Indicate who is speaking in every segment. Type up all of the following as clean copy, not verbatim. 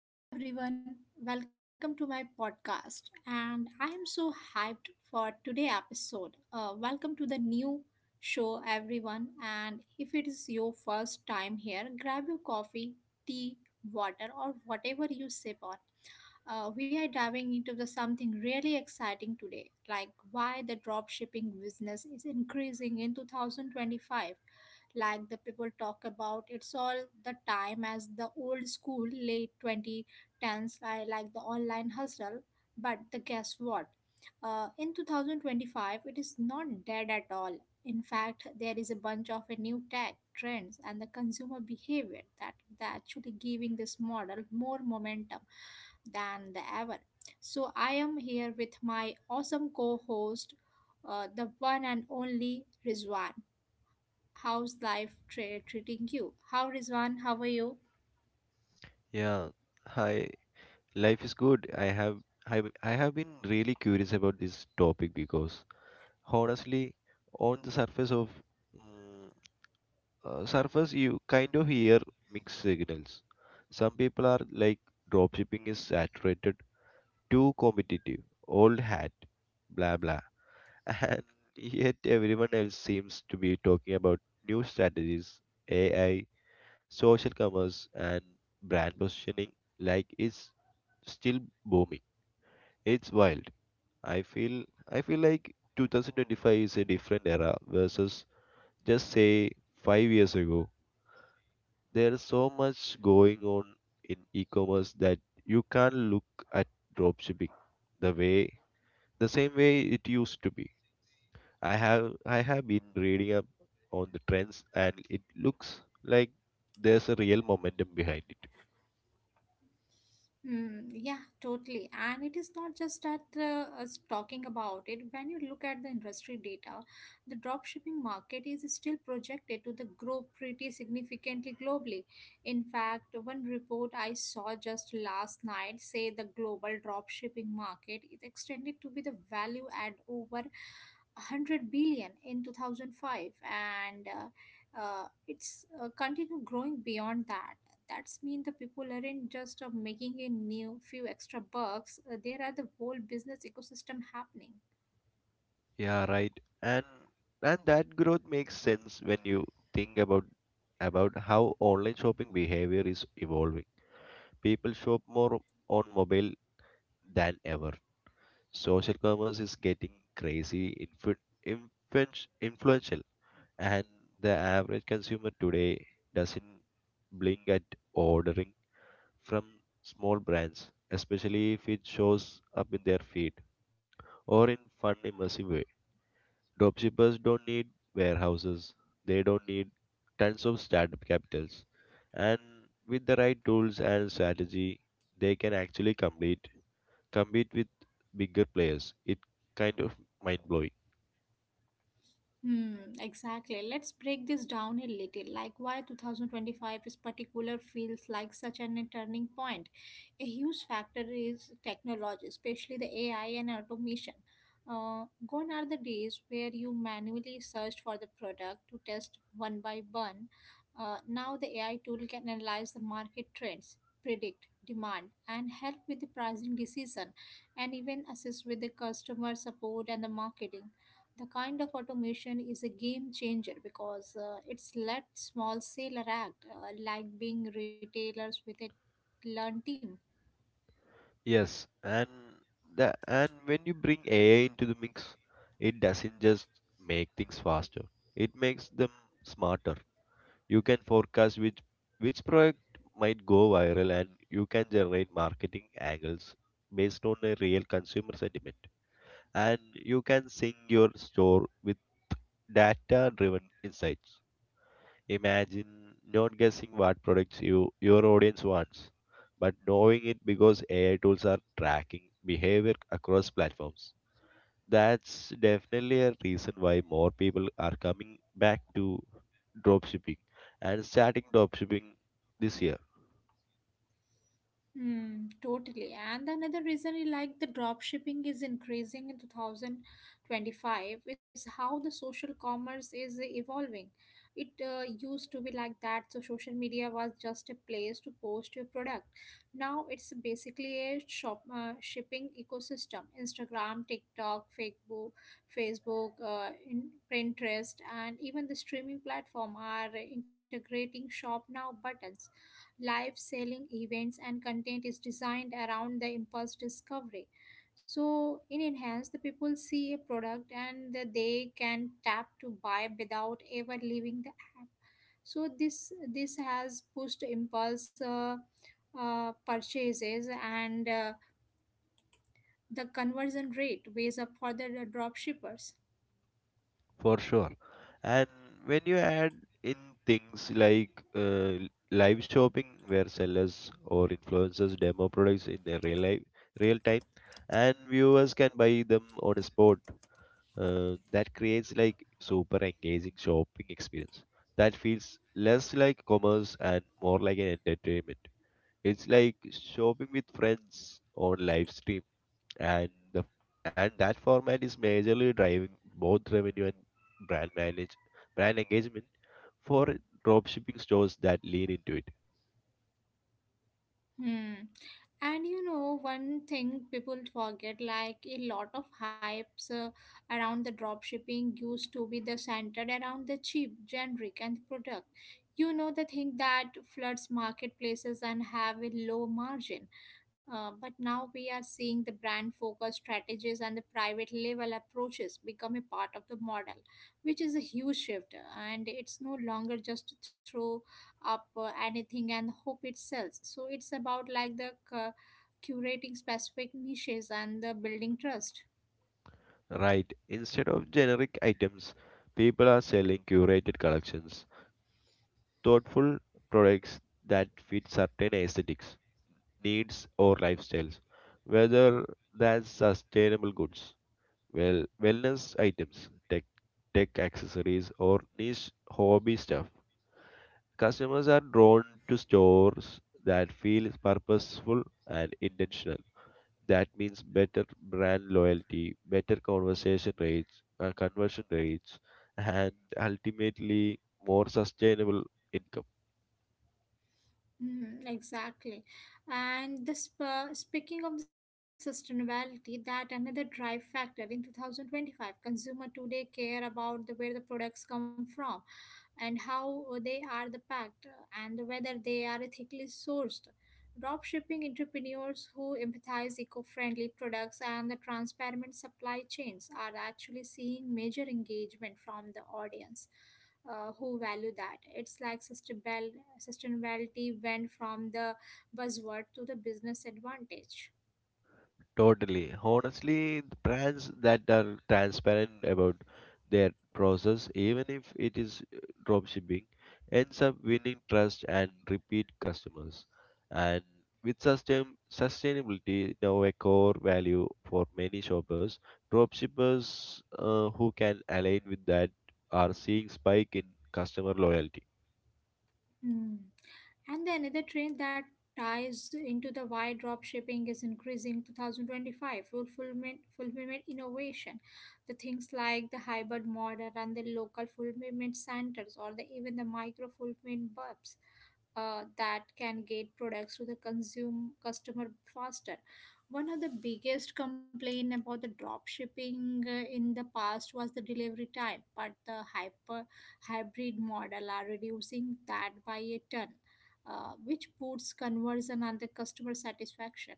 Speaker 1: So, hello everyone, welcome to my podcast, and I am so hyped for today episode. Welcome to the new show, everyone. And if it is your first time here, grab your coffee, tea, water, or whatever you sip on. We are diving into the something really exciting today, like why the dropshipping business is increasing in 2025. Like the people talk about, it's all the time as the old school late 2010s, I like the online hustle. But the guess what? In 2025, it is not dead at all. In fact, there is a bunch of a new tech trends and the consumer behavior that actually giving this model more momentum than the ever. So I am here with my awesome co-host, the one and only Rizwan. How's treating you? How Rizwan? How are you?
Speaker 2: Yeah, hi. Life is good. I have I have been really curious about this topic because honestly, on the surface of mm, surface, you kind of hear mixed signals. Some people are like dropshipping is saturated, too competitive, old hat, blah blah. And yet everyone else seems to be talking about new strategies, AI, social commerce and brand positioning like is still booming. It's wild. I feel I feel like 2025 is a different era versus just say 5 years ago. There's so much going on in e-commerce that you can't look at dropshipping the way the same way it used to be. I have been reading up on the trends, and it looks like there's a real momentum behind it.
Speaker 1: Hmm, yeah, totally. And it is not just that us talking about it. When you look at the industry data, the dropshipping market is still projected to the grow pretty significantly globally. In fact, one report I saw just last night say the global dropshipping market is extended to be the value at over 100 billion in 2005 and it's continue growing beyond that. That's mean the people aren't just making a new few extra bucks. There are the whole business ecosystem happening.
Speaker 2: Yeah, right. And and that growth makes sense when you think about how online shopping behavior is evolving. People shop more on mobile than ever. Social commerce is getting crazy, influential, and the average consumer today doesn't blink at ordering from small brands, especially if it shows up in their feed or in fun, immersive way. Dropshippers don't need warehouses, they don't need tons of startup capitals. And with the right tools and strategy, they can actually compete with bigger players. It kind of mind blowing.
Speaker 1: Hmm, exactly. Let's break this down a little. Like why 2025 is particular feels like such an a turning point. A huge factor is technology, especially the AI and automation. Gone are the days where you manually searched for the product to test one by one. Now the AI tool can analyze the market trends, predict demand, and help with the pricing decision, and even assist with the customer support and the marketing. The kind of automation is a game changer because it's let small seller act like being retailers with a learned team.
Speaker 2: Yes, and when you bring AI into the mix, it doesn't just make things faster. It makes them smarter. You can forecast which product might go viral, and you can generate marketing angles based on a real consumer sentiment, and you can sync your store with data driven insights. Imagine not guessing what products your audience wants, but knowing it because ai tools are tracking behavior across platforms. That's definitely a reason why more people are coming back to dropshipping and starting dropshipping this year.
Speaker 1: Hmm, totally. And another reason I like the drop shipping is increasing in 2025 is how the social commerce is evolving. It used to be like that, so social media was just a place to post your product. Now it's basically a shop shipping ecosystem. Instagram, TikTok, Facebook, in Pinterest, and even the streaming platform are integrating shop now buttons, live selling events, and content is designed around the impulse discovery. So in enhance the people see a product and that they can tap to buy without ever leaving the app. So this has pushed impulse purchases and the conversion rate ways up for the drop shippers.
Speaker 2: For sure. And when you add in things like live shopping, where sellers or influencers demo products in their real life, real time, and viewers can buy them on the spot, that creates like super engaging shopping experience that feels less like commerce and more like an entertainment. It's like shopping with friends on live stream, and the and that format is majorly driving both revenue and brand engagement for dropshipping stores that lean into it.
Speaker 1: Hmm. And you know, one thing people forget, like a lot of hypes around the dropshipping used to be the centered around the cheap, generic, and product. You know, the thing that floods marketplaces and have a low margin. But now we are seeing the brand focus strategies and the private label approaches become a part of the model, which is a huge shift. And it's no longer just through up anything and hope it sells. So it's about like the curating specific niches and the building trust.
Speaker 2: Right. Instead of generic items, people are selling curated collections, thoughtful products that fit certain aesthetics, needs, or lifestyles, whether that's sustainable goods, wellness items, tech accessories or niche hobby stuff. Customers are drawn to stores that feel purposeful and intentional. That means better brand loyalty, better conversion rates, and ultimately more sustainable income.
Speaker 1: Mm, exactly. And this, speaking of the sustainability, that another drive factor in 2025, consumer today care about the, where the products come from and how they are the packed and whether they are ethically sourced. Dropshipping entrepreneurs who empathize eco-friendly products and the transparent supply chains are actually seeing major engagement from the audience who value that. It's like sustainability went from the buzzword to the business advantage.
Speaker 2: Totally. Honestly, the brands that are transparent about their process, even if it is drop shipping, ends up winning trust and repeat customers. And with sustainability now a core value for many shoppers, drop shippers who can align with that are seeing spike in customer loyalty.
Speaker 1: Hmm. And the another trend that ties into the why drop shipping is increasing 2025, fulfillment innovation, the things like the hybrid model and the local fulfillment centers or the even the micro fulfillment hubs that can get products to the consume customer faster. One of the biggest complaint about the drop shipping in the past was the delivery time, but the hyper hybrid model are reducing that by a ton, which boosts conversion and the customer satisfaction.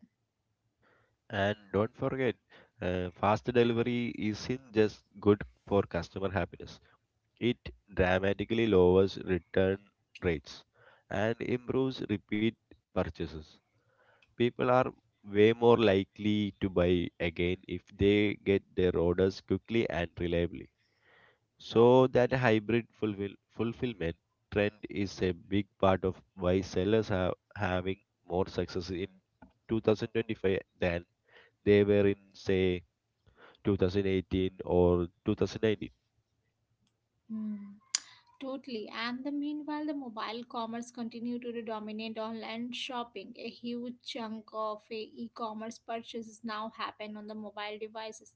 Speaker 2: And don't forget, fast delivery isn't just good for customer happiness. It dramatically lowers return rates and improves repeat purchases. People are way more likely to buy again if they get their orders quickly and reliably. So, that fulfillment trend is a big part of why sellers are having more success in 2025 than they were in, say, 2018 or 2019.
Speaker 1: Hmm. Totally. And the meanwhile, the mobile commerce continue to dominate online shopping. A huge chunk of a e-commerce purchases now happen on the mobile devices,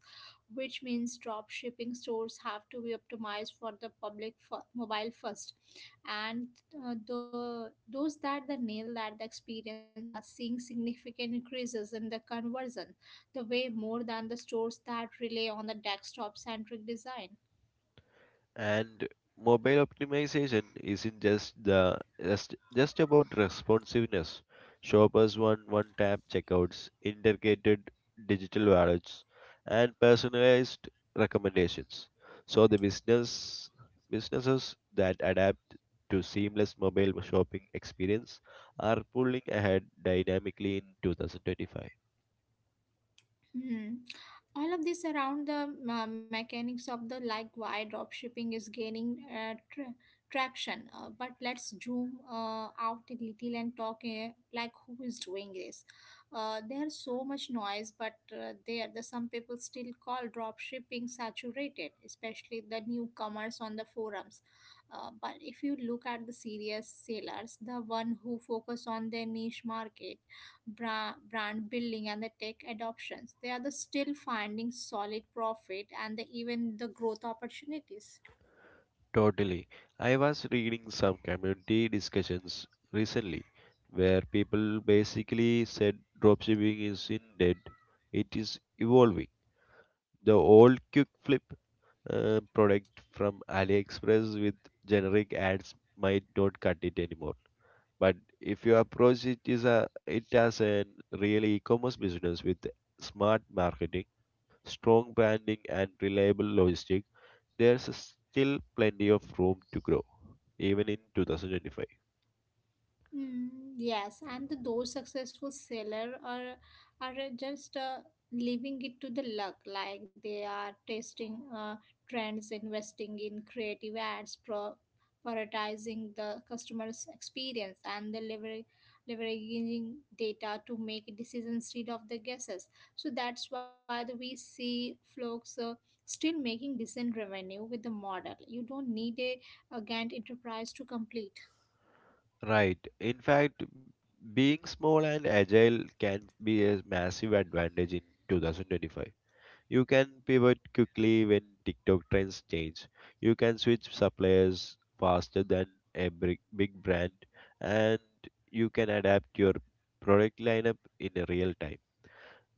Speaker 1: which means drop shipping stores have to be optimized for the mobile first. And the those that the nail that the experience are seeing significant increases in the conversion, the way more than the stores that rely on the desktop centric design.
Speaker 2: And mobile optimization isn't just just about responsiveness. Shoppers want one-tap checkouts, integrated digital wallets, and personalized recommendations. So the business businesses that adapt to seamless mobile shopping experience are pulling ahead dynamically in 2025.
Speaker 1: Hmm. All of this around the mechanics of the like why dropshipping is gaining traction. But let's zoom out a little and talk like who is doing this. There's so much noise, but there the some people still call dropshipping saturated, especially the newcomers on the forums. But if you look at the serious sellers, the one who focus on their niche market, brand building and the tech adoptions. They are the still finding solid profit and the, even the growth opportunities.
Speaker 2: Totally. I was reading some community discussions recently where people basically said dropshipping is in dead. It is evolving. The old quick flip product from AliExpress with generic ads might not cut it anymore. But if you approach it as a real e-commerce business with smart marketing, strong branding, and reliable logistics, there's still plenty of room to grow, even in 2025.
Speaker 1: Mm, yes, and the, those successful seller are just leaving it to the luck. Like they are testing trends, investing in creative ads, prioritizing the customer's experience, and the leveraging data to make decisions instead of the guesses. So that's why the, we see folks still making decent revenue with the model. You don't need a Gantt enterprise to complete.
Speaker 2: Right. In fact, being small and agile can be a massive advantage in 2025. You can pivot quickly when TikTok trends change. You can switch suppliers faster than big brand, and you can adapt your product lineup in real time.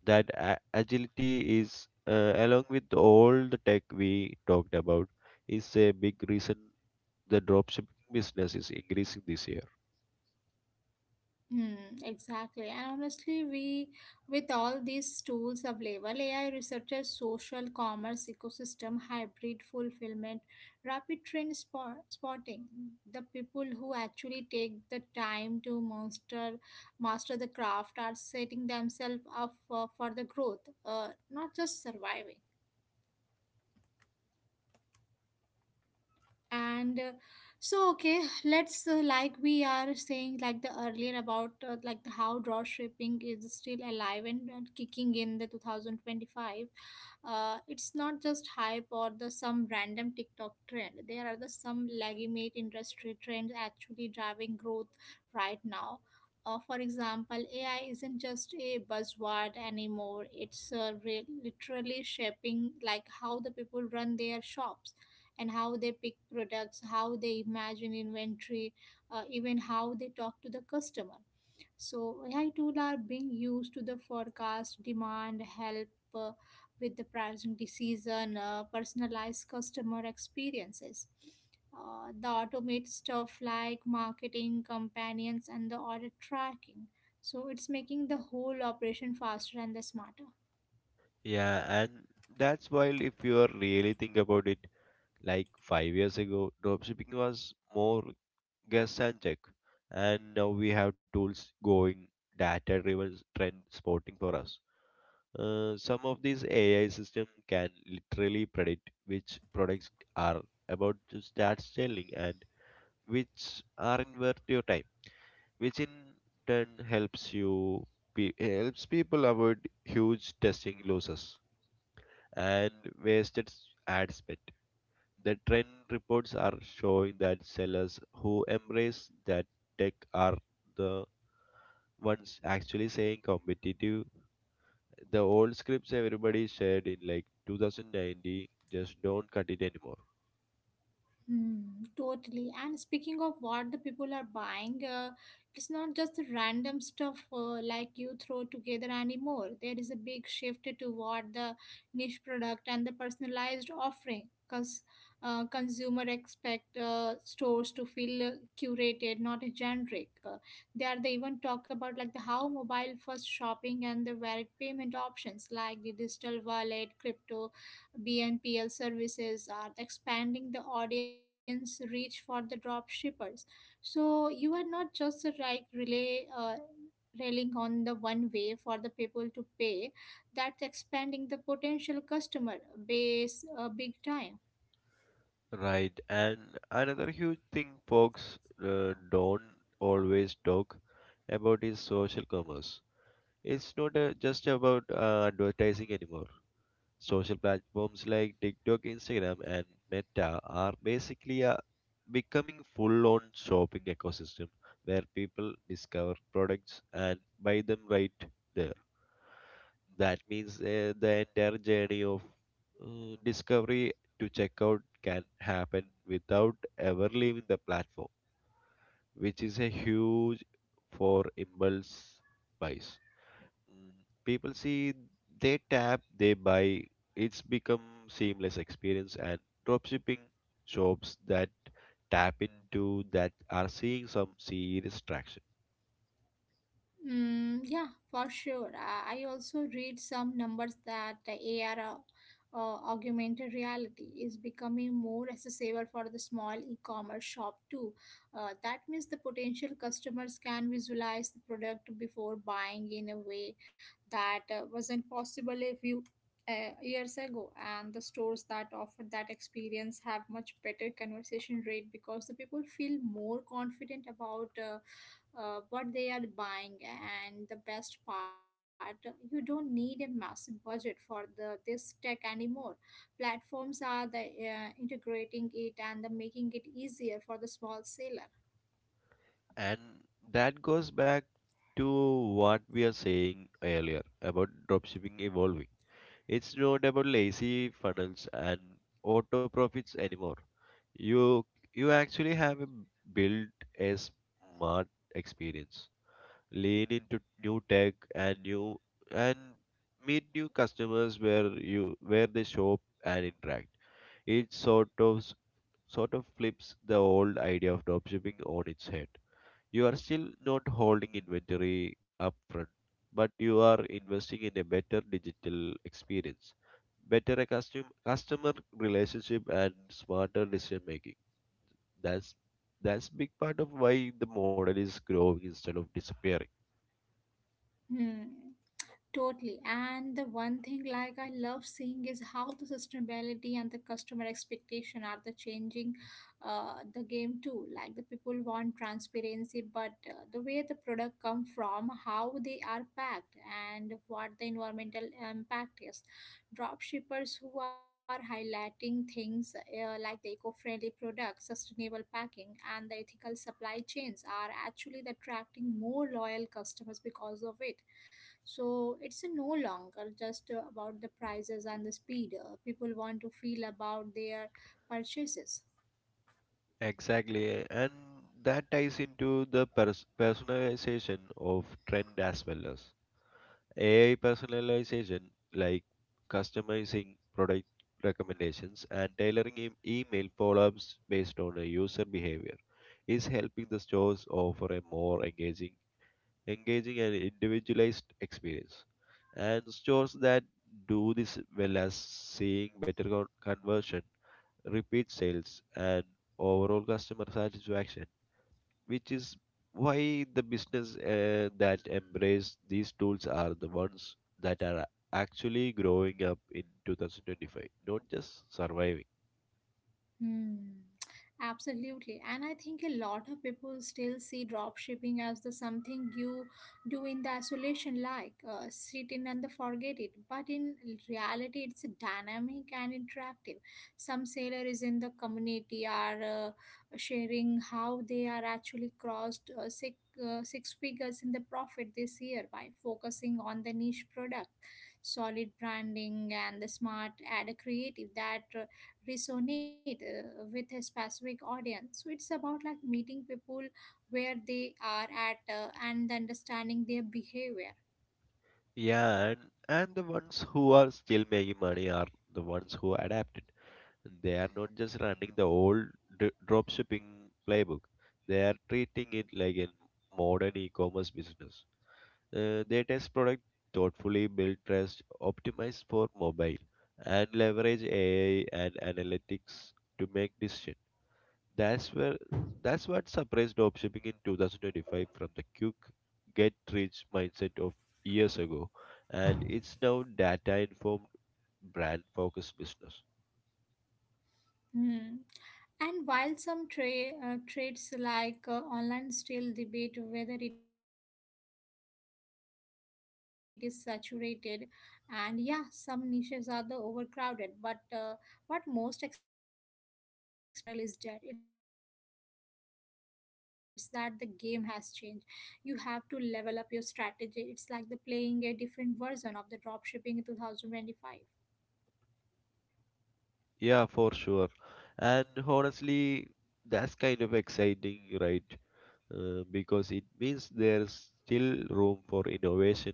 Speaker 2: That agility is, along with all the tech we talked about, is a big reason the dropshipping business is increasing this year.
Speaker 1: Hmm, exactly. And honestly, we with all these tools available, AI researchers, social commerce ecosystem, hybrid fulfillment, spotting, the people who actually take the time to master the craft are setting themselves up for the growth, not just surviving. And let's like we are saying like the earlier about like the how draw shaping is still alive and kicking in the 2025. It's not just hype or the some random TikTok trend. There are the some legitimate industry trends actually driving growth right now. For example, AI isn't just a buzzword anymore, it's literally shaping like how the people run their shops and how they pick products, how they imagine inventory, even how they talk to the customer. So AI tools are being used to the forecast demand, help uh, with the pricing decision, personalized customer experiences. The automate stuff like marketing, companions, and the order tracking. So it's making the whole operation faster and the smarter.
Speaker 2: Yeah, and that's why if you are really think about it, like 5 years ago dropshipping was more guess and check, and now we have tools going data driven trend spotting for us. Some of these AI systems can literally predict which products are about to start selling and which aren't worth your time, which in turn helps helps people avoid huge testing losses and ad spend. The trend reports are showing that sellers who embrace that tech are the ones actually staying competitive. The old scripts everybody said in like 2090 just don't cut it anymore.
Speaker 1: Hmm, totally. And speaking of what the people are buying, it's not just the random stuff like you throw together anymore. There is a big shift toward the niche product and the personalized offering because consumer expect stores to feel curated, not generic. They are they even talk about like the how mobile first shopping and the varied payment options like the digital wallet, crypto, BNPL services are expanding the audience reach for the drop shippers. So you are not just a like relay railing on the one way for the people to pay. That's expanding the potential customer base big time.
Speaker 2: Right, and another huge thing folks don't always talk about is social commerce. It's not just about advertising anymore. Social platforms like tiktok, instagram and meta are basically becoming full on shopping ecosystem where people discover products and buy them right there. That means the entire journey of discovery to checkout can happen without ever leaving the platform, which is a huge for impulse buys. Mm, people see, they tap, they buy. It's become seamless experience, and dropshipping shops that tap into that are seeing some serious traction.
Speaker 1: Mm, yeah, for sure. I also read some numbers that the AR, augmented reality, is becoming more accessible for the small e-commerce shop too. That means the potential customers can visualize the product before buying in a way that wasn't possible a few years ago. And the stores that offer that experience have much better conversion rate because the people feel more confident about. What they are buying, and the best part, you don't need a massive budget for the this tech anymore. Platforms are the integrating it and the making it easier for the small seller.
Speaker 2: And that goes back to what we are saying earlier about dropshipping evolving. It's not about lazy funnels and auto profits anymore. You you actually have built a smart experience. Lean into new tech and meet new customers where they shop and interact. It sort of flips the old idea of dropshipping on its head. You are still not holding inventory upfront, but you are investing in a better digital experience, better customer relationship, and smarter decision making. That's that's big part of why the model is growing instead of disappearing.
Speaker 1: Hmm. Totally. And the one thing like I love seeing is how the sustainability and the customer expectation are the changing the game too. Like the people want transparency, but the way the product come from, how they are packed, and what the environmental impact is. Drop shippers who are highlighting things like the eco-friendly products, sustainable packing, and the ethical supply chains are actually the attracting more loyal customers because of it. So it's no longer just about the prices and the speed. People want to feel about their purchases.
Speaker 2: Exactly, and that ties into the personalization of trend as well as AI personalization, like customizing product recommendations and tailoring email follow ups based on a user behavior, is helping the stores offer a more engaging and individualized experience. And stores that do this well as seeing better conversion, repeat sales, and overall customer satisfaction, which is why the business that embrace these tools are the ones that are actually growing up in 2025, not just surviving.
Speaker 1: Hmm. Absolutely. And I think a lot of people still see dropshipping as the something you do in the isolation, like sit in and the forget it. But in reality, it's dynamic and interactive. Some sailor is in the community are sharing how they are actually crossed six figures in the profit this year by focusing on the niche product, solid branding, and the smart ad creative that resonate with a specific audience. So it's about like meeting people where they are at, and understanding their behavior.
Speaker 2: Yeah and the ones who are still making money are the ones who adapted. They are not just running the old d- drop playbook. They are treating it like a modern e-commerce business. They test product thoughtfully, build trust, optimize for mobile, and leverage AI and analytics to make decision. That's where that's what surprised dropshipping in 2025 from the quick get rich mindset of years ago, and it's now data informed brand focused business.
Speaker 1: Hmm. And while some trades like, online still debate whether it is saturated, and yeah, some niches are the overcrowded. But what most experienced seller will tell you in this, like it's not that the model is dead; it's that the game has changed. You have to level up your strategy. It's like the playing a different version of the dropshipping in 2025.
Speaker 2: Yeah, for sure. And honestly, that's kind of exciting, right? Because it means there's still room for innovation.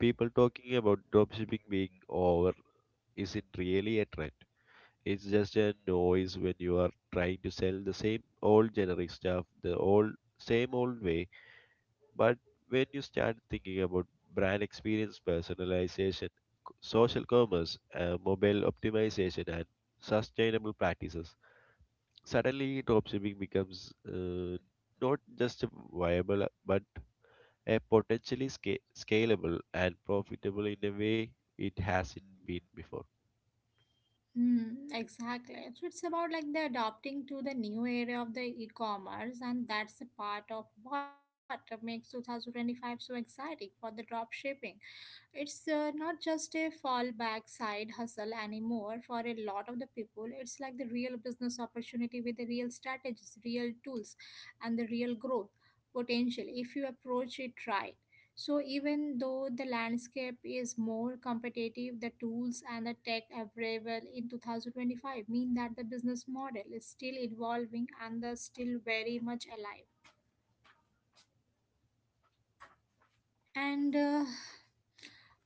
Speaker 2: People talking about dropshipping being over isn't really a trend. It's just a noise when you are trying to sell the same old generic stuff, the old same old way. But when you start thinking about brand experience, personalization, social commerce, mobile optimization, and sustainable practices, suddenly dropshipping becomes not just a viable but a potentially scalable and profitable in a way it hasn't been before.
Speaker 1: Mm, exactly. So it's about like the adopting to the new area of the e-commerce, and that's a part of what makes 2025 so exciting for the drop shipping. It's not just a fallback side hustle anymore for a lot of the people. It's like the real business opportunity with the real strategies, real tools, and the real growth potential if you approach it right. So, even though the landscape is more competitive, the tools and the tech available in 2025 mean that the business model is still evolving and thus still very much alive. And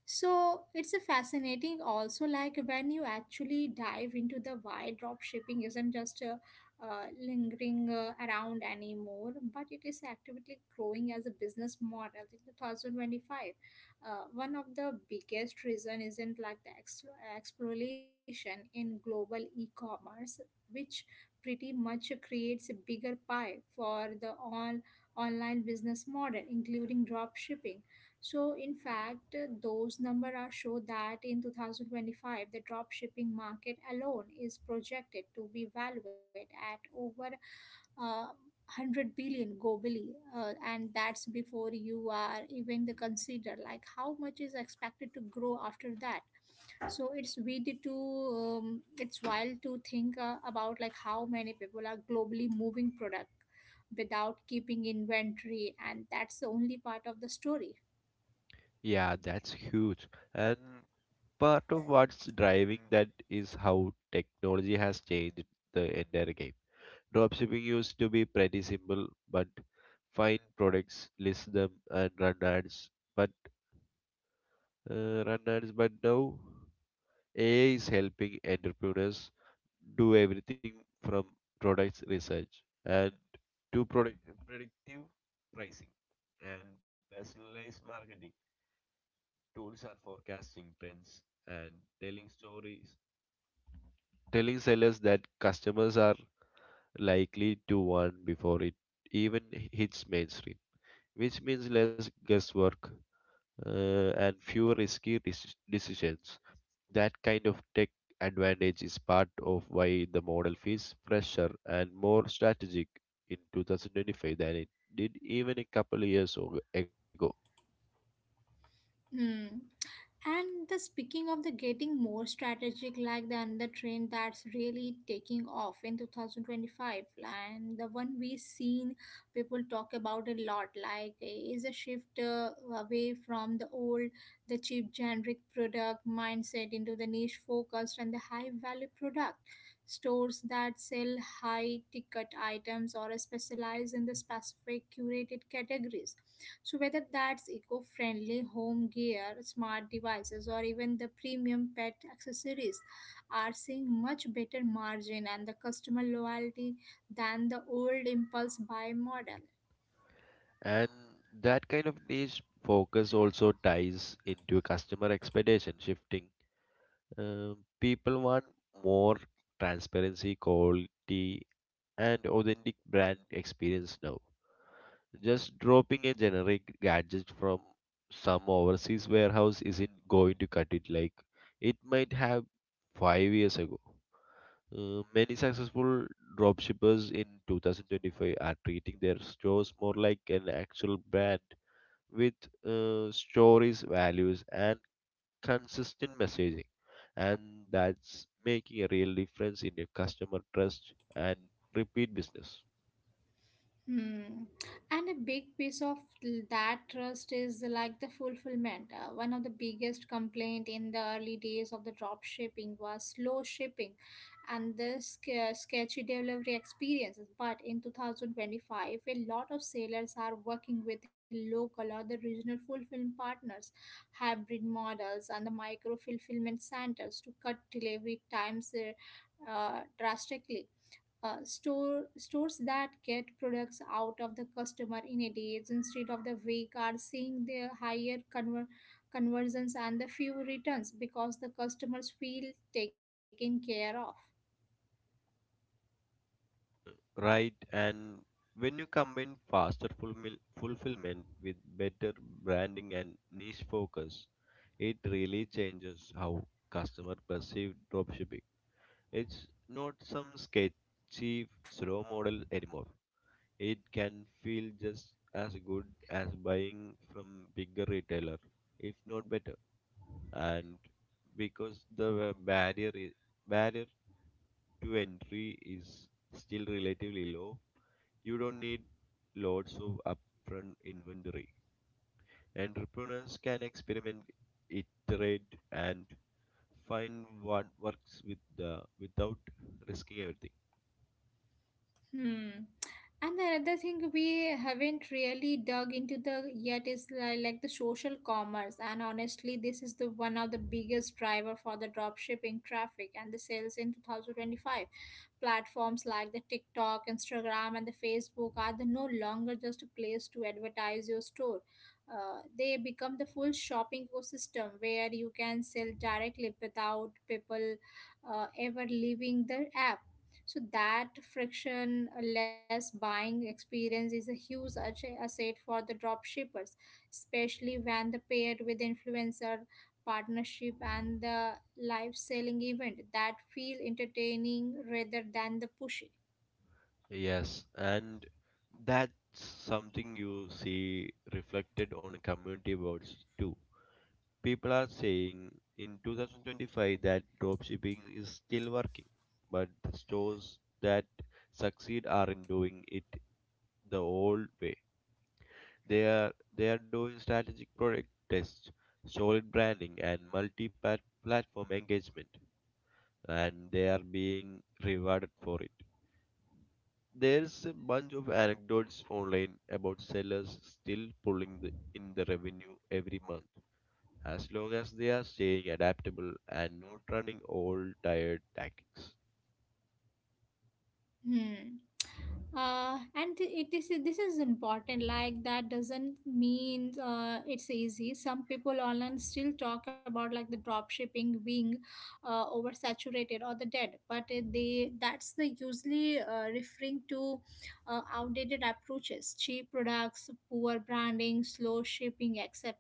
Speaker 1: So it's a fascinating also like when you actually dive into the why drop shipping isn't just lingering around anymore, but it is actively growing as a business model in 2025. One of the biggest reason isn't like the exploration in global e-commerce, which pretty much creates a bigger pie for the all online business model, including drop shipping. So in fact, those numbers are show that in 2025, the drop shipping market alone is projected to be valued at over uh, 100 billion globally, and that's before you are even the consider like how much is expected to grow after that. So it's wild to think about like how many people are globally moving product without keeping inventory, and that's the only part of the story.
Speaker 2: Yeah, that's huge. And part of what's driving that is how technology has changed the entire game. Dropshipping used to be pretty simple, but find products, list them, and run ads. But but now AI is helping entrepreneurs do everything from product research and to product predictive pricing and personalized marketing. Tools are forecasting trends and telling stories, telling sellers that customers are likely to want before it even hits mainstream, which means less guesswork and fewer risky decisions. That kind of tech advantage is part of why the model feels fresher and more strategic in 2025 than it did even a couple ago.
Speaker 1: Hmm. And the speaking of the getting more strategic, like the another trend that's really taking off in 2025, and the one we've seen people talk about a lot, is a shift away from the old, the cheap generic product mindset into the niche focused and the high value product stores that sell high ticket items or specialize in the specific curated categories, so whether that's eco friendly home gear, smart devices, or even the premium pet accessories, are seeing much better margin and the customer loyalty than the old impulse buy model.
Speaker 2: And that kind of niche focus also ties into customer expectation shifting. People want more transparency, quality, and authentic brand experience now. Just dropping a generic gadget from some overseas warehouse isn't going to cut it like it might have 5 years ago. Many successful dropshippers in 2025 are treating their stores more like an actual brand with stories, values, and consistent messaging. And that's making a real difference in your customer trust and repeat business.
Speaker 1: Hmm. And a big piece of that trust is like the fulfillment. One of the biggest complaint in the early days of the drop shipping was slow shipping and the sketchy delivery experiences. But in 2025, a lot of sailors are working with local or the regional fulfillment partners, hybrid models, and the micro fulfillment centers to cut delivery times drastically. Stores that get products out of the customer in a day instead of the week are seeing the higher conversions and the few returns because the customers feel taken care of.
Speaker 2: Right. And when you combine fulfillment with better branding and niche focus, it really changes how customer perceive dropshipping. It's not some sketchy slow model anymore. It can feel just as good as buying from bigger retailer, if not better. And because barrier i- barrier to entry is still relatively low, you don't need lots of upfront inventory. Entrepreneurs can experiment, iterate, and find what works with the without risking everything.
Speaker 1: Hmm. And the another thing we haven't really dug into the yet is like the social commerce, and honestly this is the one of the biggest driver for the drop shipping traffic and the sales in 2025. Platforms like the TikTok, Instagram, and the Facebook are the no longer just a place to advertise your store. They become the full shopping ecosystem where you can sell directly without people ever leaving the app. So that frictionless buying experience is a huge asset for the drop shippers, especially when the paired with influencer partnership and the live selling event that feel entertaining rather than the pushy.
Speaker 2: Yes, and that's something you see reflected on community boards too. People are saying in 2025 that dropshipping is still working, but the stores that succeed aren't doing it the old way. They are doing strategic product tests, solid branding, and multi-platform engagement, and they are being rewarded for it. There's a bunch of anecdotes online about sellers still pulling the, in the revenue every month, as long as they are staying adaptable and not running old tired tactics.
Speaker 1: Hmm. And th- it is this is important, like that doesn't mean it's easy. Some people online still talk about like the drop shipping being oversaturated or the dead, but they that's the usually referring to outdated approaches, cheap products, poor branding, slow shipping, etc.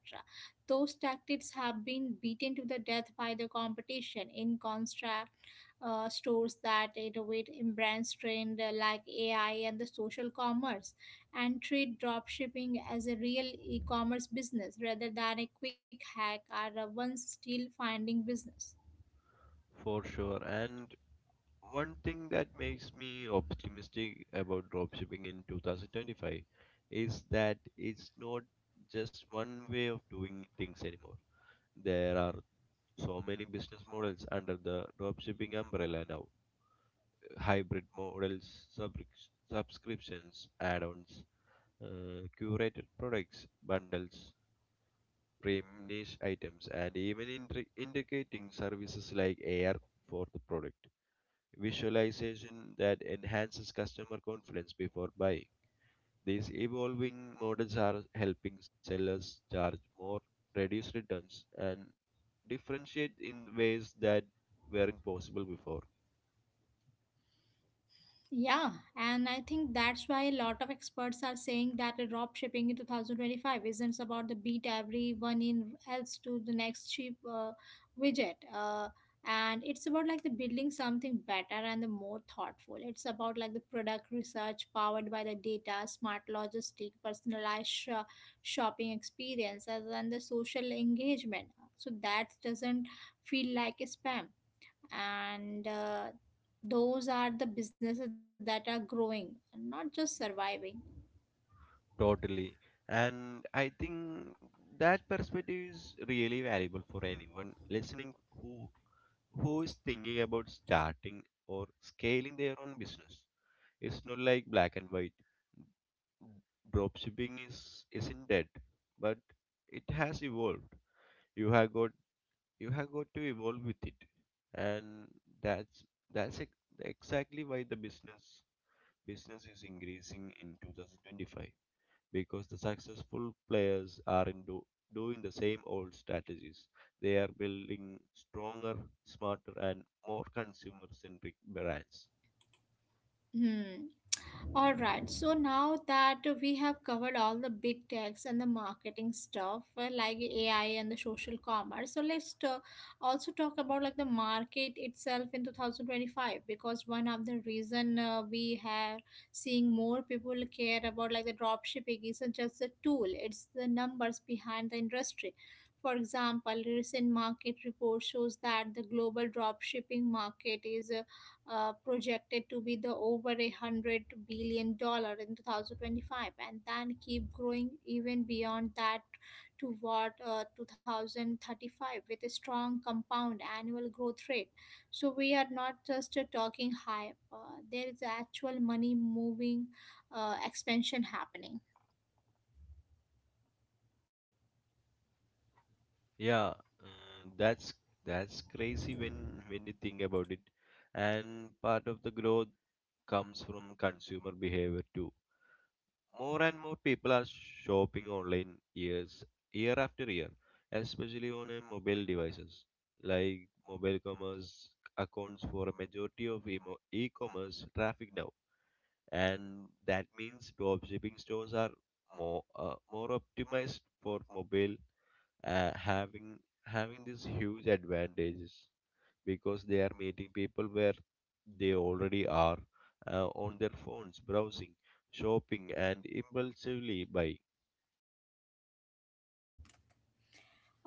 Speaker 1: Those tactics have been beaten to the death by the competition. In contrast, stores that innovate in brands trend like AI and the social commerce, and treat dropshipping as a real e-commerce business rather than a quick hack or a once still finding business.
Speaker 2: For sure. And one thing that makes me optimistic about dropshipping in 2025 is that it's not just one way of doing things anymore. There are so many business models under the dropshipping umbrella now: hybrid models, subscriptions, add ons, curated products, bundles, premium niche items, and even integrating services like AR for the product visualization that enhances customer confidence before buying. These evolving models are helping sellers charge more, reduce returns, and differentiate in ways that were impossible before.
Speaker 1: Yeah, and I think that's why a lot of experts are saying that the drop shipping in 2025 isn't about the beat everyone in else to the next cheap widget. And it's about like the building something better and the more thoughtful. It's about like the product research powered by the data, smart logistic, personalized shopping experiences, and the social engagement. So that doesn't feel like a spam, and those are the businesses that are growing and not just surviving.
Speaker 2: Totally. And I think that perspective is really valuable for anyone listening who who is thinking about starting or scaling their own business. It's not like black and white. Dropshipping is isn't dead, but it has evolved. You have got you have got to evolve with it, and that's exactly why the business is increasing in 2025, because the successful players are in do, doing the same old strategies. They are building stronger, smarter, and more consumer-centric brands.
Speaker 1: Hmm. All right, so now that we have covered all the big techs and the marketing stuff, like AI and the social commerce, so also talk about like the market itself in 2025, because one of the reason we have seeing more people care about like the drop shipping isn't just a tool; it's the numbers behind the industry. For example, recent market report shows that the global drop shipping market is projected to be the over $100 billion in 2025, and then keep growing even beyond that toward 2035 with a strong compound annual growth rate. So we are not just talking hype, there is actual money moving, expansion happening.
Speaker 2: Yeah, that's crazy when you think about it. And part of the growth comes from consumer behavior too. More and more people are shopping online year after year, especially on mobile devices. Like mobile commerce accounts for a majority of e-commerce traffic now, and that means dropshipping stores are more optimized for mobile, uh, having having these huge advantages because they are meeting people where they already are, on their phones browsing, shopping, and impulsively buying.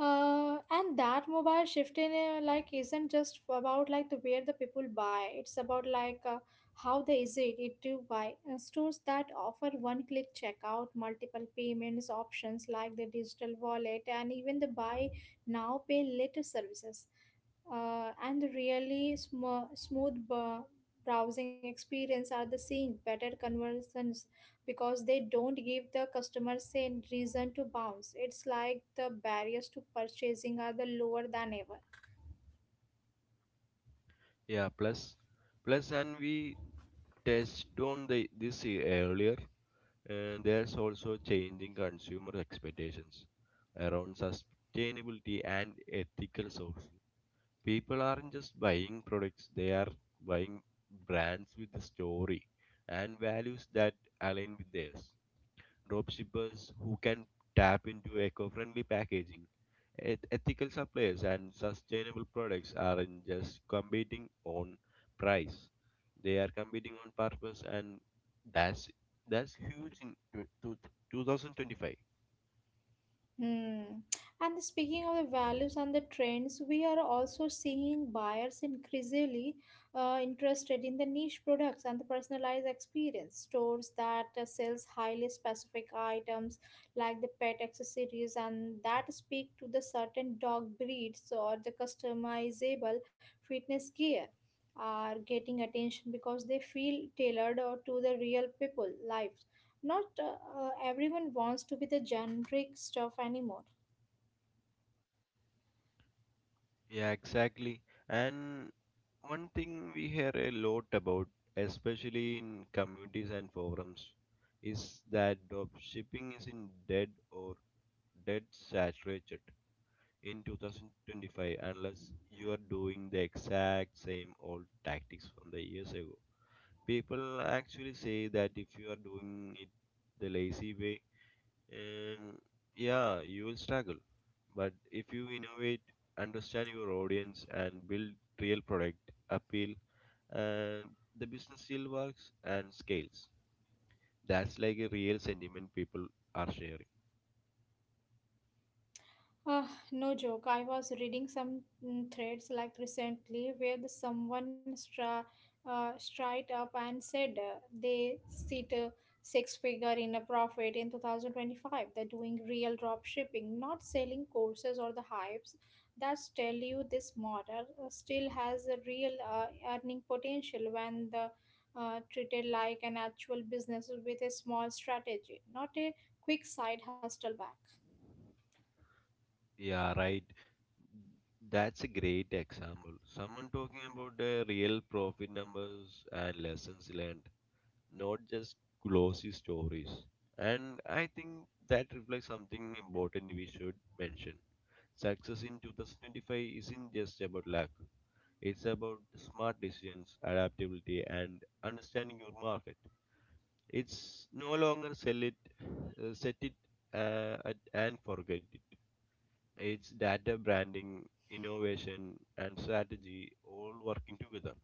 Speaker 1: And that mobile shift in, like, isn't just about like the where the people buy, it's about like how they easy it it to buy. Stores that offer one click checkout, multiple payments options like the digital wallet, and even the buy now pay later services, and the really smooth browsing experience are the seeing better conversions, because they don't give the customers a reason to bounce. It's like the barriers to purchasing are the lower than ever.
Speaker 2: Yeah, plus and we touched on this earlier, and there's also changing consumer expectations around sustainability and ethical sourcing. People aren't just buying products, they are buying brands with a story and values that align with theirs. Dropshippers who can tap into eco-friendly packaging, ethical suppliers, and sustainable products aren't just competing on price, they are competing on purpose. And that's that's huge in 2025.
Speaker 1: Hmm. And speaking of the values and the trends, we are also seeing buyers increasingly interested in the niche products and the personalized experience. Stores that sells highly specific items like the pet accessories and that speak to the certain dog breeds or the customizable fitness gear are getting attention because they feel tailored or to the real people lives, not everyone wants to be the generic stuff anymore.
Speaker 2: Yeah, exactly. And one thing we hear a lot about, especially in communities and forums, is that drop shipping is in dead or dead saturated in 2025 unless you are doing the exact same old tactics from the years ago. People actually say that if you are doing it the lazy way, and yeah, you will struggle. But if you innovate, understand your audience, and build real product appeal, and the business still works and scales. That's like a real sentiment people are sharing.
Speaker 1: Uh, no joke. I was reading some threads like recently where straight up and said they sit a six figure in a profit in 2025. They're doing real drop shipping, not selling courses or the hypes. That's tell you this model still has a real earning potential when the treated like an actual business with a small strategy, not a quick side hustle back.
Speaker 2: Yeah, right. That's a great example. Someone talking about the real profit numbers and lessons learned, not just glossy stories. And I think that reflects something important we should mention. Success in 2025 isn't just about luck, it's about smart decisions, adaptability, and understanding your market. It's no longer sell it, set it, and forget it. It's data branding, innovation, and strategy all working together.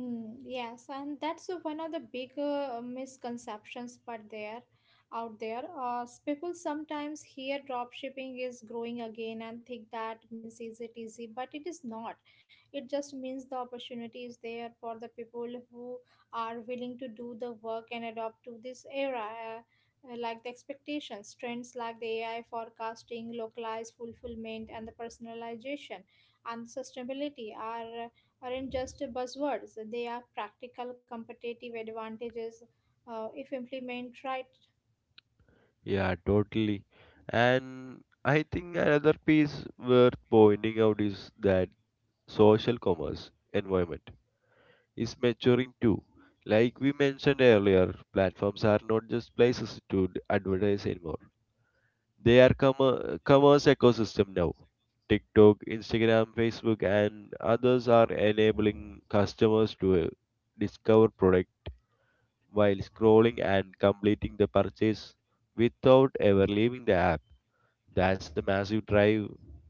Speaker 1: Mm, yes, and that's one of the bigger misconceptions but there out there. People sometimes hear dropshipping is growing again and think that means is it easy, but it is not. It just means the opportunity is there for the people who are willing to do the work and adopt to this era. Uh, like the expectations, trends like the AI forecasting, localized fulfillment, and the personalization and sustainability are, aren't just buzzwords, they are practical competitive advantages if implemented right.
Speaker 2: Yeah, totally. And I think another piece worth pointing out is that social commerce environment is maturing too. Like we mentioned earlier, platforms are not just places to advertise anymore. They are commerce ecosystem now. TikTok, Instagram, Facebook, and others are enabling customers to discover product while scrolling and completing the purchase without ever leaving the app. That's a massive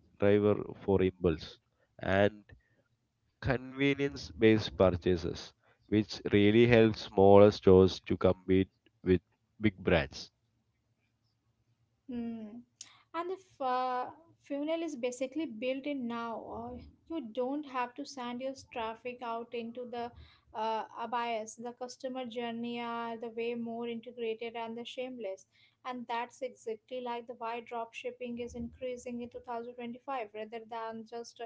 Speaker 2: driver for impulse and convenience based purchases, which really helps smaller stores to compete with big brands.
Speaker 1: Mm. And the funeral is basically built in now. You don't have to send your traffic out into the abyss. The customer journey are the way more integrated and the shameless. And that's exactly like the why drop shipping is increasing in 2025 rather than just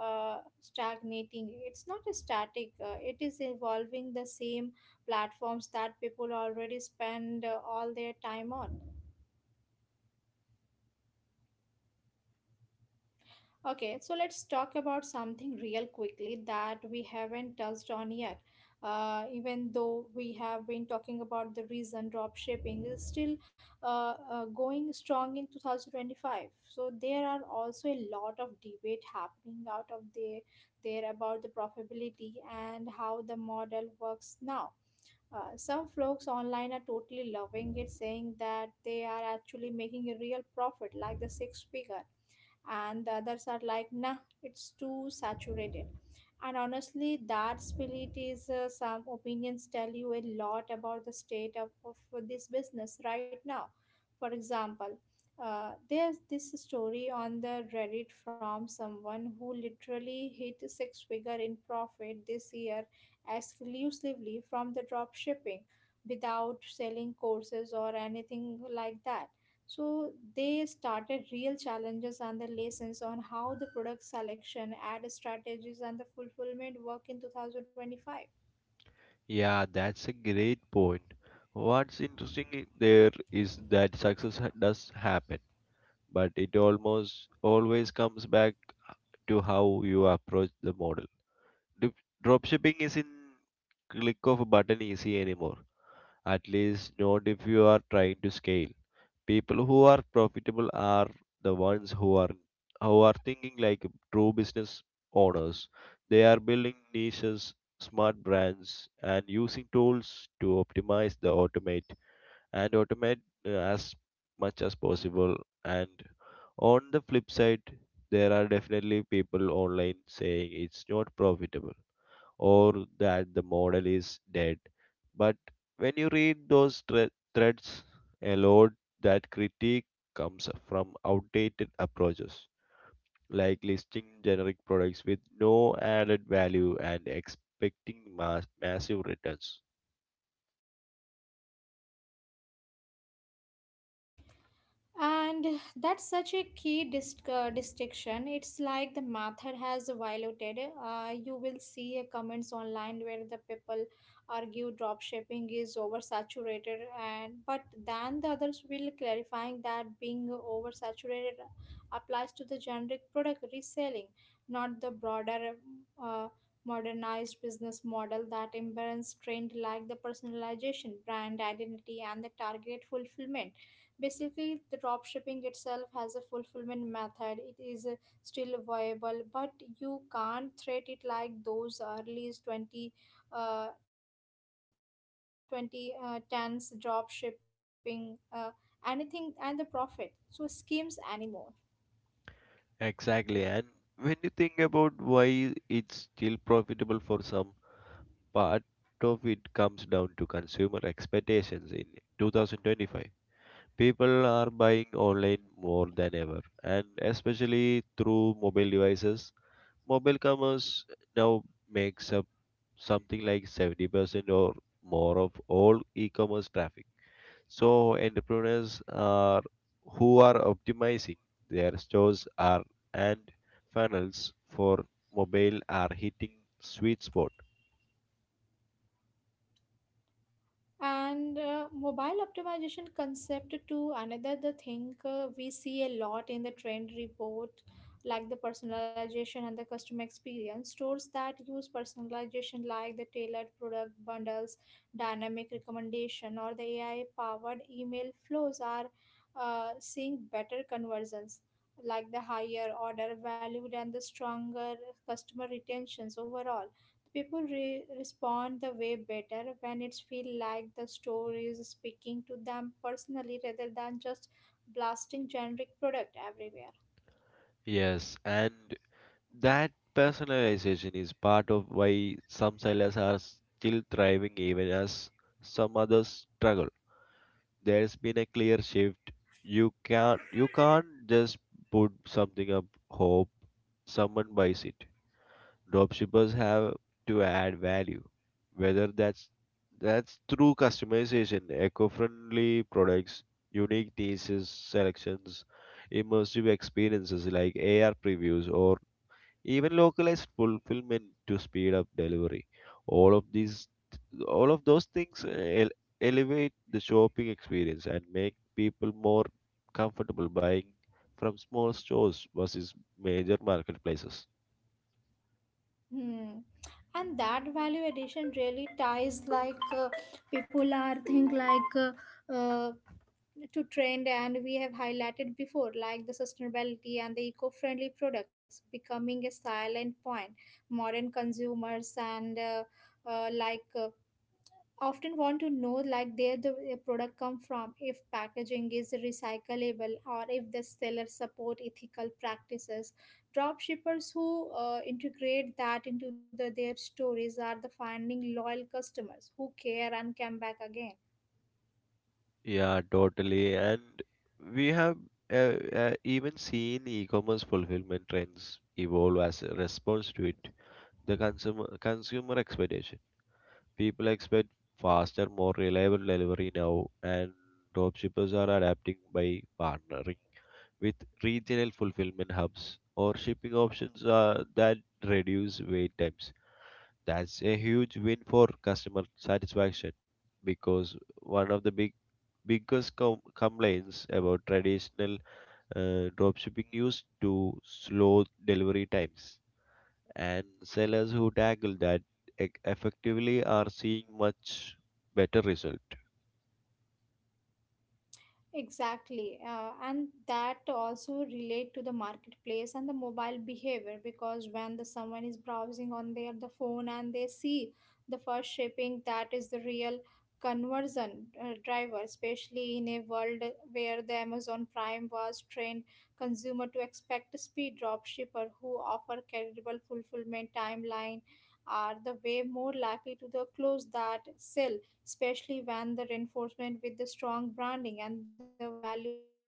Speaker 1: stagnating. It's not a static, it is evolving the same platforms that people already spend all their time on. Okay, so let's talk about something real quickly that we haven't touched on yet. Even though we have been talking about the reason drop shipping is still going strong in 2025. So there are also a lot of debate happening out there about the profitability and how the model works now. Some folks online are totally loving it, saying that they are actually making a real profit, like the six figure, and the others are like, nah, it's too saturated. And honestly that split is, some opinions tell you a lot about the state of this business right now. For example, there's this story on the Reddit from someone who literally hit six figure in profit this year exclusively from the drop shipping, without selling courses or anything like that. So they started real challenges and the lessons on how the product selection, ad strategies, and the fulfillment work in 2025.
Speaker 2: Yeah, that's a great point. What's interesting there is that does happen, but it almost always comes back to how you approach the model. Dropshipping isn't click of a button easy anymore, at least not if you are trying to scale. People who are profitable are the ones who are thinking like true business owners. They are building niches, smart brands, and using tools to optimize the automate and automate as much as possible. And on the flip side, there are definitely people online saying it's not profitable or that the model is dead. But when you read those threads, a lot that critique comes from outdated approaches like listing generic products with no added value and expecting massive returns.
Speaker 1: And that's such a key distinction. It's like the method has violated. You will see comments online where the people argue dropshipping is oversaturated, and but then the others will clarifying that being oversaturated applies to the generic product reselling, not the broader uh, modernized business model that imbalance trained like the personalization, brand identity, and the target fulfillment. Basically the drop shipping itself has a fulfillment method. It is still viable, but you can't treat it like those early 20 20 tens drop shipping anything and the profit so schemes anymore.
Speaker 2: Exactly. And when you think about why it's still profitable for some, part of it comes down to consumer expectations in 2025. People are buying online more than ever, and especially through mobile devices. Mobile commerce now makes up something like 70% or more of all e commerce traffic. So, entrepreneurs are who are optimizing their stores are and funnels for mobile are hitting sweet spot.
Speaker 1: And mobile optimization concept to another the thing we see a lot in the trend report, like the personalization and the customer experience. Stores that use personalization like the tailored product bundles, dynamic recommendation, or the ai powered email flows are seeing better conversions, like the higher order valued and the stronger customer retentions overall. Respond the way better when it's feel like the store is speaking to them personally rather than just blasting generic product everywhere.
Speaker 2: Yes, and that personalization is part of why some sellers are still thriving even as some others struggle. There's been a clear shift. You can't just put something up hope someone buys it. Dropshippers have to add value. Whether that's through customization, eco-friendly products, unique thesis selections, immersive experiences like AR previews, or even localized fulfillment to speed up delivery, all of these all of those things elevate the shopping experience and make people more comfortable buying from small stores versus major marketplaces.
Speaker 1: Hmm. And that value addition really ties like people are think like uh, to trend, and we have highlighted before like the sustainability and the eco-friendly products becoming a silent point. Modern consumers and uh, like uh, often want to know like where the product come from, if packaging is recyclable, or if the seller support ethical practices. Drop shippers who integrate that into the, their stories are the finding loyal customers who care and come back again.
Speaker 2: Yeah, totally. And we have uh, even seen e-commerce fulfillment trends evolve as a response to it, the consumer expectation. People expect faster, more reliable delivery now, and dropshippers are adapting by partnering with regional fulfillment hubs or shipping options that reduce wait times. That's a huge win for customer satisfaction, because one of the big biggest complaints about traditional dropshipping used to slow delivery times, and sellers who tackle that effectively are seeing much better result.
Speaker 1: Exactly, and that also relate to the marketplace and the mobile behavior, because when the someone is browsing on their the phone and they see the first shipping, that is the real conversion driver, especially in a world where the Amazon Prime was trained consumer to expect speed. Drop shipper who offer credible fulfillment timeline are the way more likely to the close that sale, especially when the reinforcement with the strong branding and the value messaging.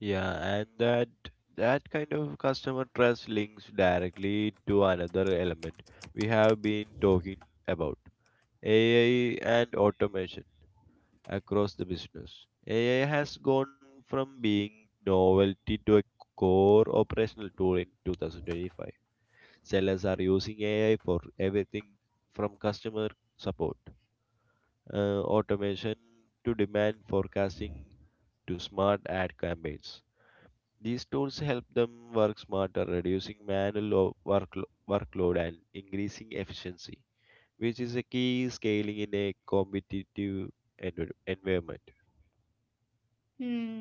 Speaker 2: Yeah, and that kind of customer trust links directly to another element we have been talking about, AI and automation across the business. AI has gone from being novelty to a core operational tool in 2025. Sellers are using AI for everything from customer support automation to demand forecasting to smart ad campaigns. These tools help them work smarter, reducing manual workload and increasing efficiency, which is a key scaling in a competitive environment.
Speaker 1: Hmm.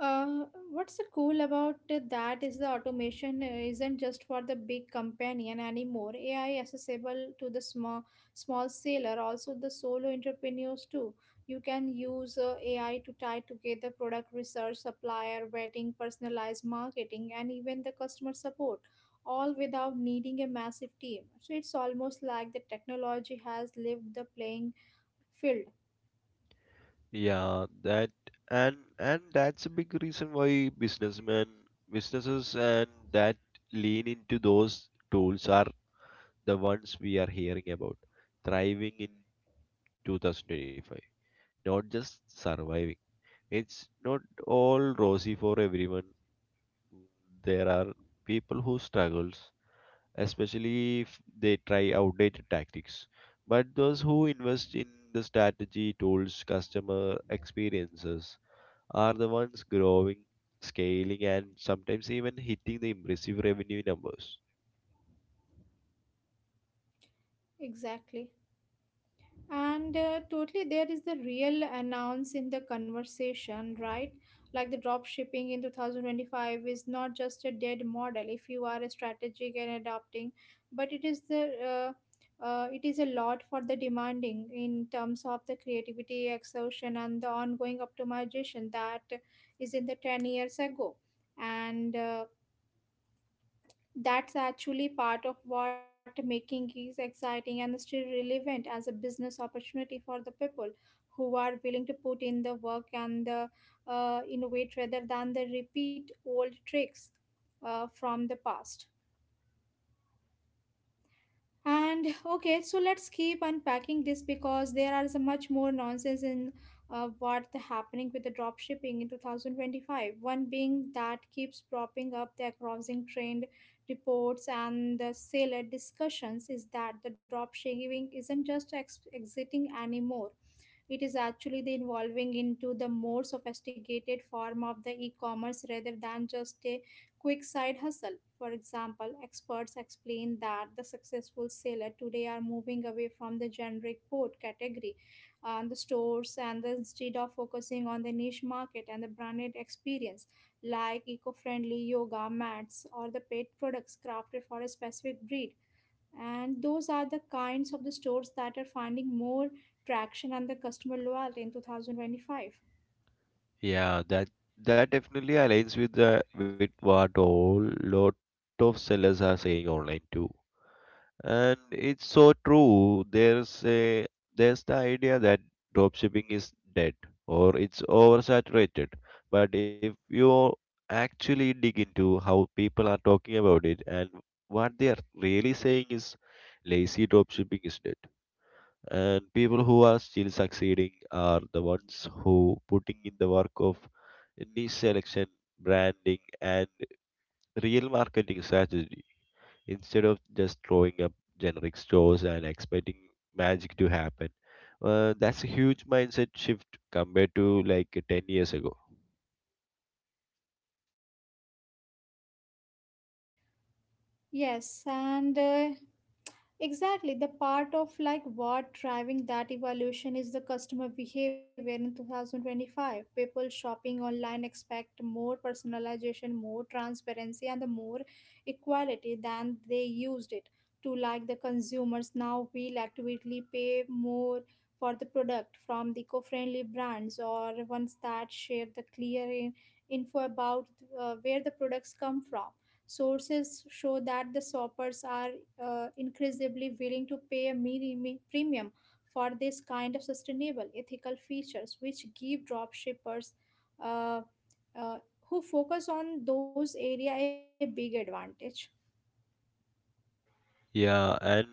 Speaker 1: Uh, what's the cool about that is the automation isn't just for the big companion anymore. AI accessible to the small sailor, also the solo entrepreneurs too. You can use AI to tie together product research, supplier vetting, personalized marketing, and even the customer support, all without needing a massive team. So it's almost like the technology has left the playing field.
Speaker 2: Yeah, that and that's a big reason why businesses, and that lean into those tools are the ones we are hearing about thriving in 2025, not just surviving. It's not all rosy for everyone. There are people who struggles, especially if they try outdated tactics. But those who invest in the strategy, tools, customer experiences are the ones growing, scaling, and sometimes even hitting the impressive revenue numbers.
Speaker 1: Exactly. And totally, there is the real announce in the conversation, right? Like the drop shipping in 2025 is not just a dead model if you are strategic and adapting, but it is the it is a lot for the demanding in terms of the creativity, exhaustion, and the ongoing optimization that is in the 10 years ago. And that's actually part of what making is exciting and still relevant as a business opportunity for the people who are willing to put in the work and the innovate rather than the repeat old tricks from the past. And okay, so let's keep unpacking this, because there are so much more nonsense in what the happening with the drop shipping in 2025. One being that keeps propping up the crossing trend reports and the seller discussions is that the drop shipping isn't just exiting anymore. It is actually the evolving into the more sophisticated form of the e-commerce rather than just a quick side hustle. For example, experts explain that the successful seller today are moving away from the generic board category and the stores and the, instead of focusing on the niche market and the branded experience, like eco-friendly yoga mats or the pet products crafted for a specific breed. And those are the kinds of the stores that are finding more traction and the customer loyalty in 2025.
Speaker 2: Yeah, that definitely aligns with the with what all lot of sellers are saying online too. And it's so true. There's a the idea that dropshipping is dead or it's oversaturated. But if you actually dig into how people are talking about it and what they are really saying is lazy dropshipping is dead. And people who are still succeeding are the ones who putting in the work of niche selection, branding, and real marketing strategies instead of just throwing up generic stores and expecting magic to happen. That's a huge mindset shift compared to like 10 years ago.
Speaker 1: Yes, and exactly. The part of like what driving that evolution is the customer behavior in 2025. People shopping online expect more personalization, more transparency, and the more equality than they used it to, like the consumers. Now will actively pay more for the product from the eco-friendly brands or ones that share the clear info about where the products come from. Sources show that the shoppers are increasingly willing to pay a mini premium for this kind of sustainable ethical features, which give drop shippers, uh, uh, who focus on those area a big advantage.
Speaker 2: Yeah, and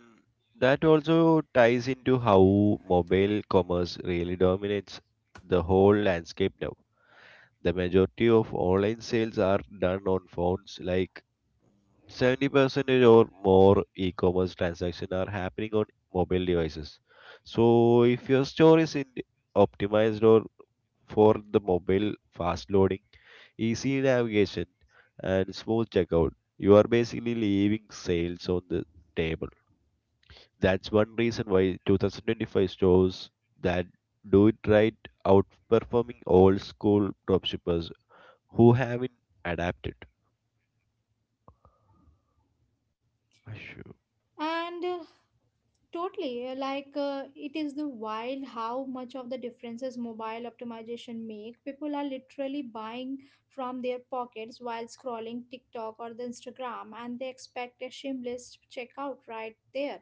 Speaker 2: that also ties into how mobile commerce really dominates the whole landscape now. The majority of online sales are done on phones, like 70% or more e-commerce transactions are happening on mobile devices. So if your store is in optimized or for the mobile, fast loading, easy navigation, and smooth checkout, you are basically leaving sales on the table. That's one reason why 2025 stores that do it right outperforming old school dropshippers who haven't adapted. Sure.
Speaker 1: And totally. Like, it is the wild how much of the differences mobile optimization make. People are literally buying from their pockets while scrolling TikTok or the Instagram, and they expect a shameless checkout right there.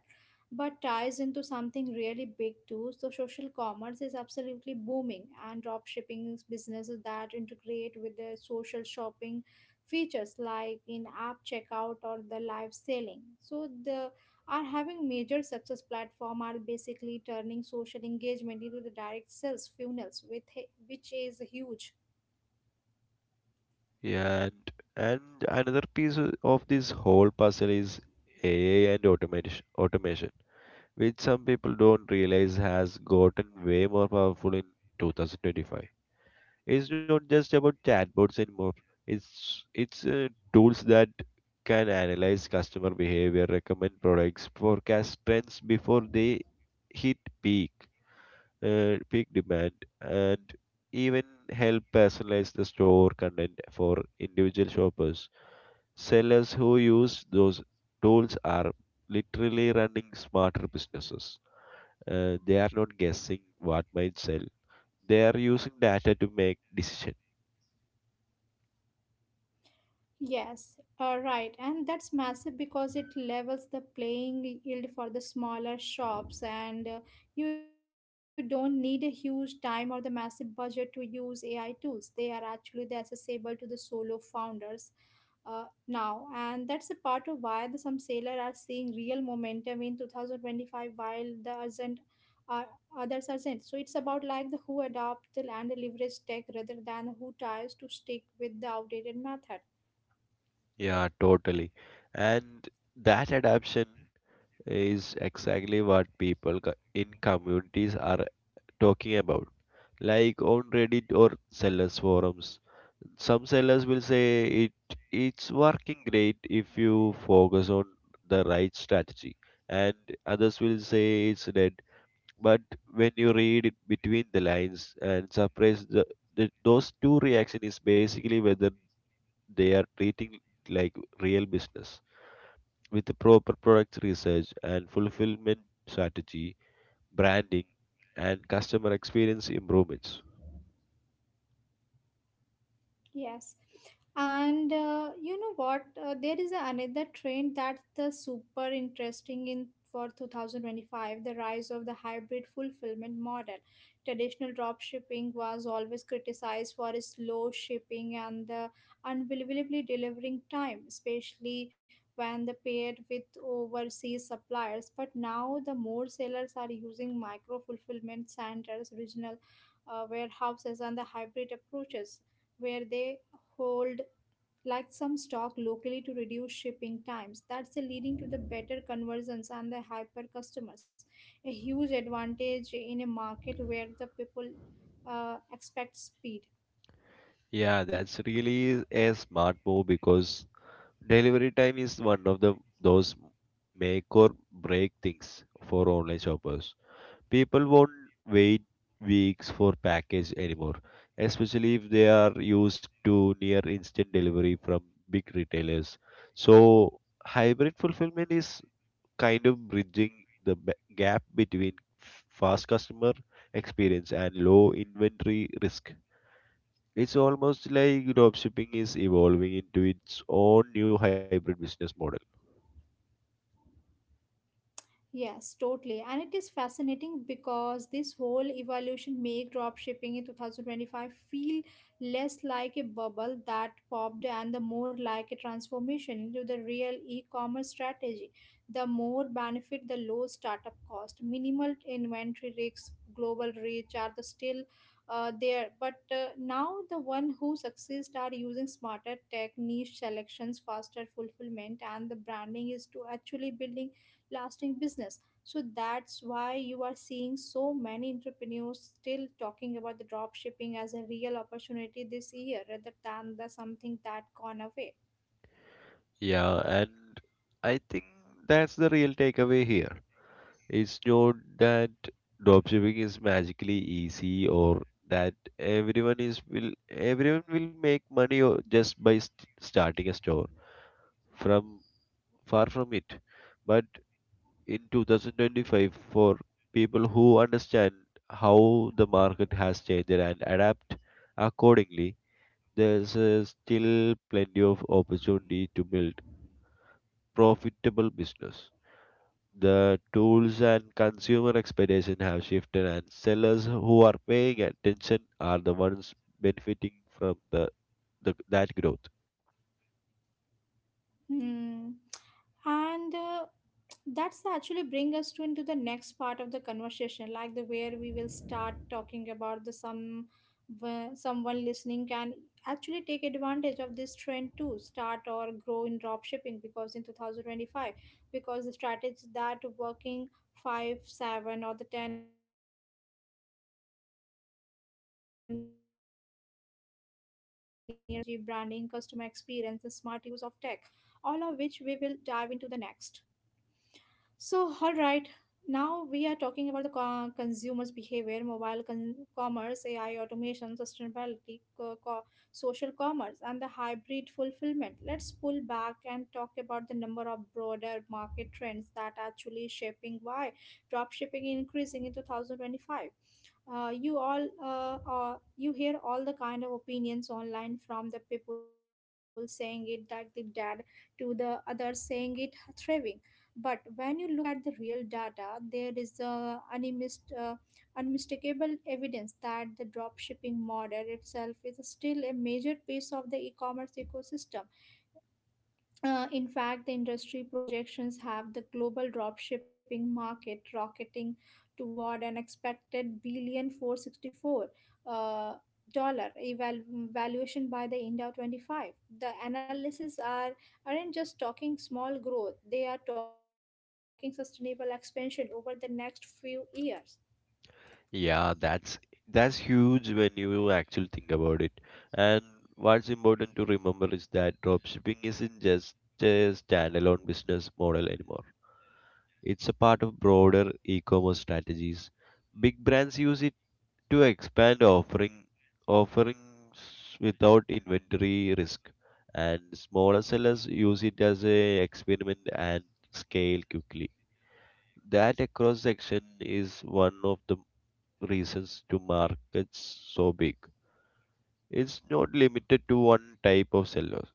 Speaker 1: But ties into something really big too. So social commerce is absolutely booming, and drop shipping is businesses that integrate with the social shopping features like in app checkout or the live selling. So the are having major success platform are basically turning social engagement into the direct sales funnels with, which is huge.
Speaker 2: Yeah, and another piece of this whole puzzle is AI and automation, which some people don't realize has gotten way more powerful in 2025. It's not just about chatbots anymore. It's tools that can analyze customer behavior, recommend products, forecast trends before they hit peak, peak demand, and even help personalize the store content for individual shoppers. Sellers who use those tools are literally running smarter businesses. They are not guessing what might sell. They are using data to make decision.
Speaker 1: Yes, right. And that's massive because it levels the playing yield for the smaller shops, and you don't need a huge time or the massive budget to use AI tools. They are actually the accessible to the solo founders now. And that's a part of why the, some sailors are seeing real momentum in 2025 while the urgent, uh, others aren't. So it's about like the who adopt the and the leverage tech rather than who tries to stick with the outdated method.
Speaker 2: Yeah, totally. And that adaptation is exactly what people in communities are talking about, like on reddit or sellers forums. Some sellers will say it's working great if you focus on the right strategy, and others will say it's dead. But when you read it between the lines and suppress the, those two reaction is basically whether they are treating it like real business with the proper product research and fulfillment strategy, branding, and customer experience improvements.
Speaker 1: Yes. And you know what? There is another trend that's the super interesting in for 2025, the rise of the hybrid fulfillment model. Traditional drop shipping was always criticized for its slow shipping and the unbelievably delivering time, especially when the paired with overseas suppliers. But now the more sellers are using micro fulfillment centers, regional warehouses, and the hybrid approaches where they hold like some stock locally to reduce shipping times. That's the leading to the better conversions and the hyper customers, a huge advantage in a market where the people expect speed.
Speaker 2: Yeah, that's really a smart move, because delivery time is one of the those make or break things for online shoppers. People won't wait weeks for package anymore, especially if they are used to near instant delivery from big retailers. So hybrid fulfillment is kind of bridging the gap between fast customer experience and low inventory risk. It's almost like dropshipping is evolving into its own new hybrid business model.
Speaker 1: Yes, totally. And it is fascinating because this whole evolution made dropshipping in 2025 feel less like a bubble that popped and the more like a transformation into the real e-commerce strategy. The more benefit, the low startup cost, minimal inventory risks, global reach are the still there. But now the one who succeeds are using smarter tech, niche selections, faster fulfillment, and the branding is to actually building lasting business. So that's why you are seeing so many entrepreneurs still talking about the drop shipping as a real opportunity this year rather than the something that gone away.
Speaker 2: Yeah, and I think that's the real takeaway here. It's not that dropshipping is magically easy or that everyone will make money just by starting a store. From Far from it. But in 2025, for people who understand how the market has changed and adapt accordingly, there's still plenty of opportunity to build profitable business. The tools and consumer expectation have shifted, and sellers who are paying attention are the ones benefiting from the that growth.
Speaker 1: Hmm. And that's actually bring us to into the next part of the conversation, like the where we will start talking about the some where someone listening can actually take advantage of this trend to start or grow in drop shipping, because in 2025, because the strategies that working 5, 7 or the 10 years ago just isn't enough anymore. It's about the strategy, branding, customer experience, the smart use of tech, all of which we will dive into the next. So, all right, now we are talking about the consumers' behavior, mobile commerce, AI, automation, sustainability, social commerce, and the hybrid fulfillment. Let's pull back and talk about the number of broader market trends that are actually shaping why dropshipping is increasing in 2025. You hear all the kind of opinions online from the people saying it like the dad to the others saying it thriving. But when you look at the real data, there is unmistakable evidence that the drop shipping model itself is still a major piece of the e-commerce ecosystem. In fact, the industry projections have the global dropshipping market rocketing toward an expected billion four 464 uh, dollar valuation by the end of 25. The analysis are aren't just talking small growth; they are talking sustainable expansion over the next few years.
Speaker 2: Yeah, that's huge when you actually think about it. And what's important to remember is that dropshipping isn't just a standalone business model anymore. It's a part of broader e-commerce strategies. Big brands use it to expand offerings without inventory risk, and smaller sellers use it as a experiment and scale quickly. That across section is one of the reasons to markets so big. It's not limited to one type of sellers.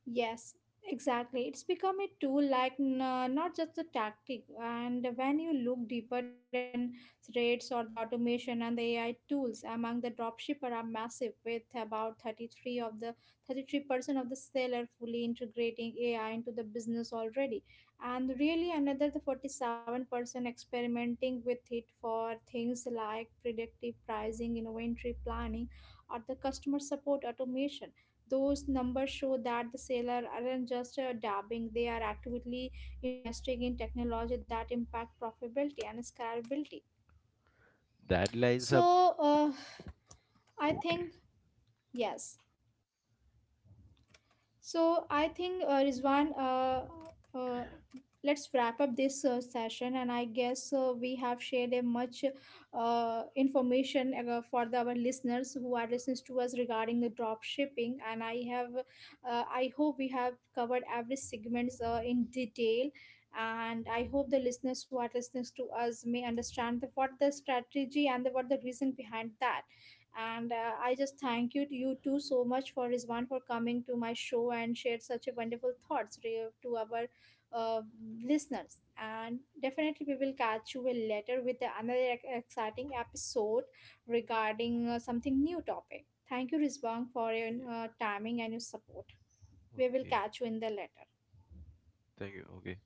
Speaker 1: Yes, exactly. It's become a tool like not just a tactic. And when you look deeper, adoption rates or the automation and the AI tools among the dropshipper are massive, with about 33% of the seller fully integrating AI into the business already. And really another the 47% experimenting with it for things like predictive pricing, inventory planning, or the customer support automation. Those numbers show that the seller aren't just dabbing, they are actively investing in technology that impact profitability and scalability.
Speaker 2: That lines up.
Speaker 1: So, I
Speaker 2: Okay.
Speaker 1: think yes. So I think Rizwan, uh, let's wrap up this session, and I guess we have shared a much information for the, our listeners who are listening to us regarding the drop shipping. And I have, I hope we have covered every segments in detail. And I hope the listeners who are listening to us may understand the, what the strategy and the, what the reason behind that. And I just thank you you too so much for rizwan for coming to my show and shared such a wonderful thoughts to our uh, listeners. And definitely we will catch you later with another exciting episode regarding something new topic. Thank you rizwan for your
Speaker 2: Yeah,
Speaker 1: timing and your support. We will
Speaker 2: okay.
Speaker 1: catch you in the later.
Speaker 2: Thank you. Okay.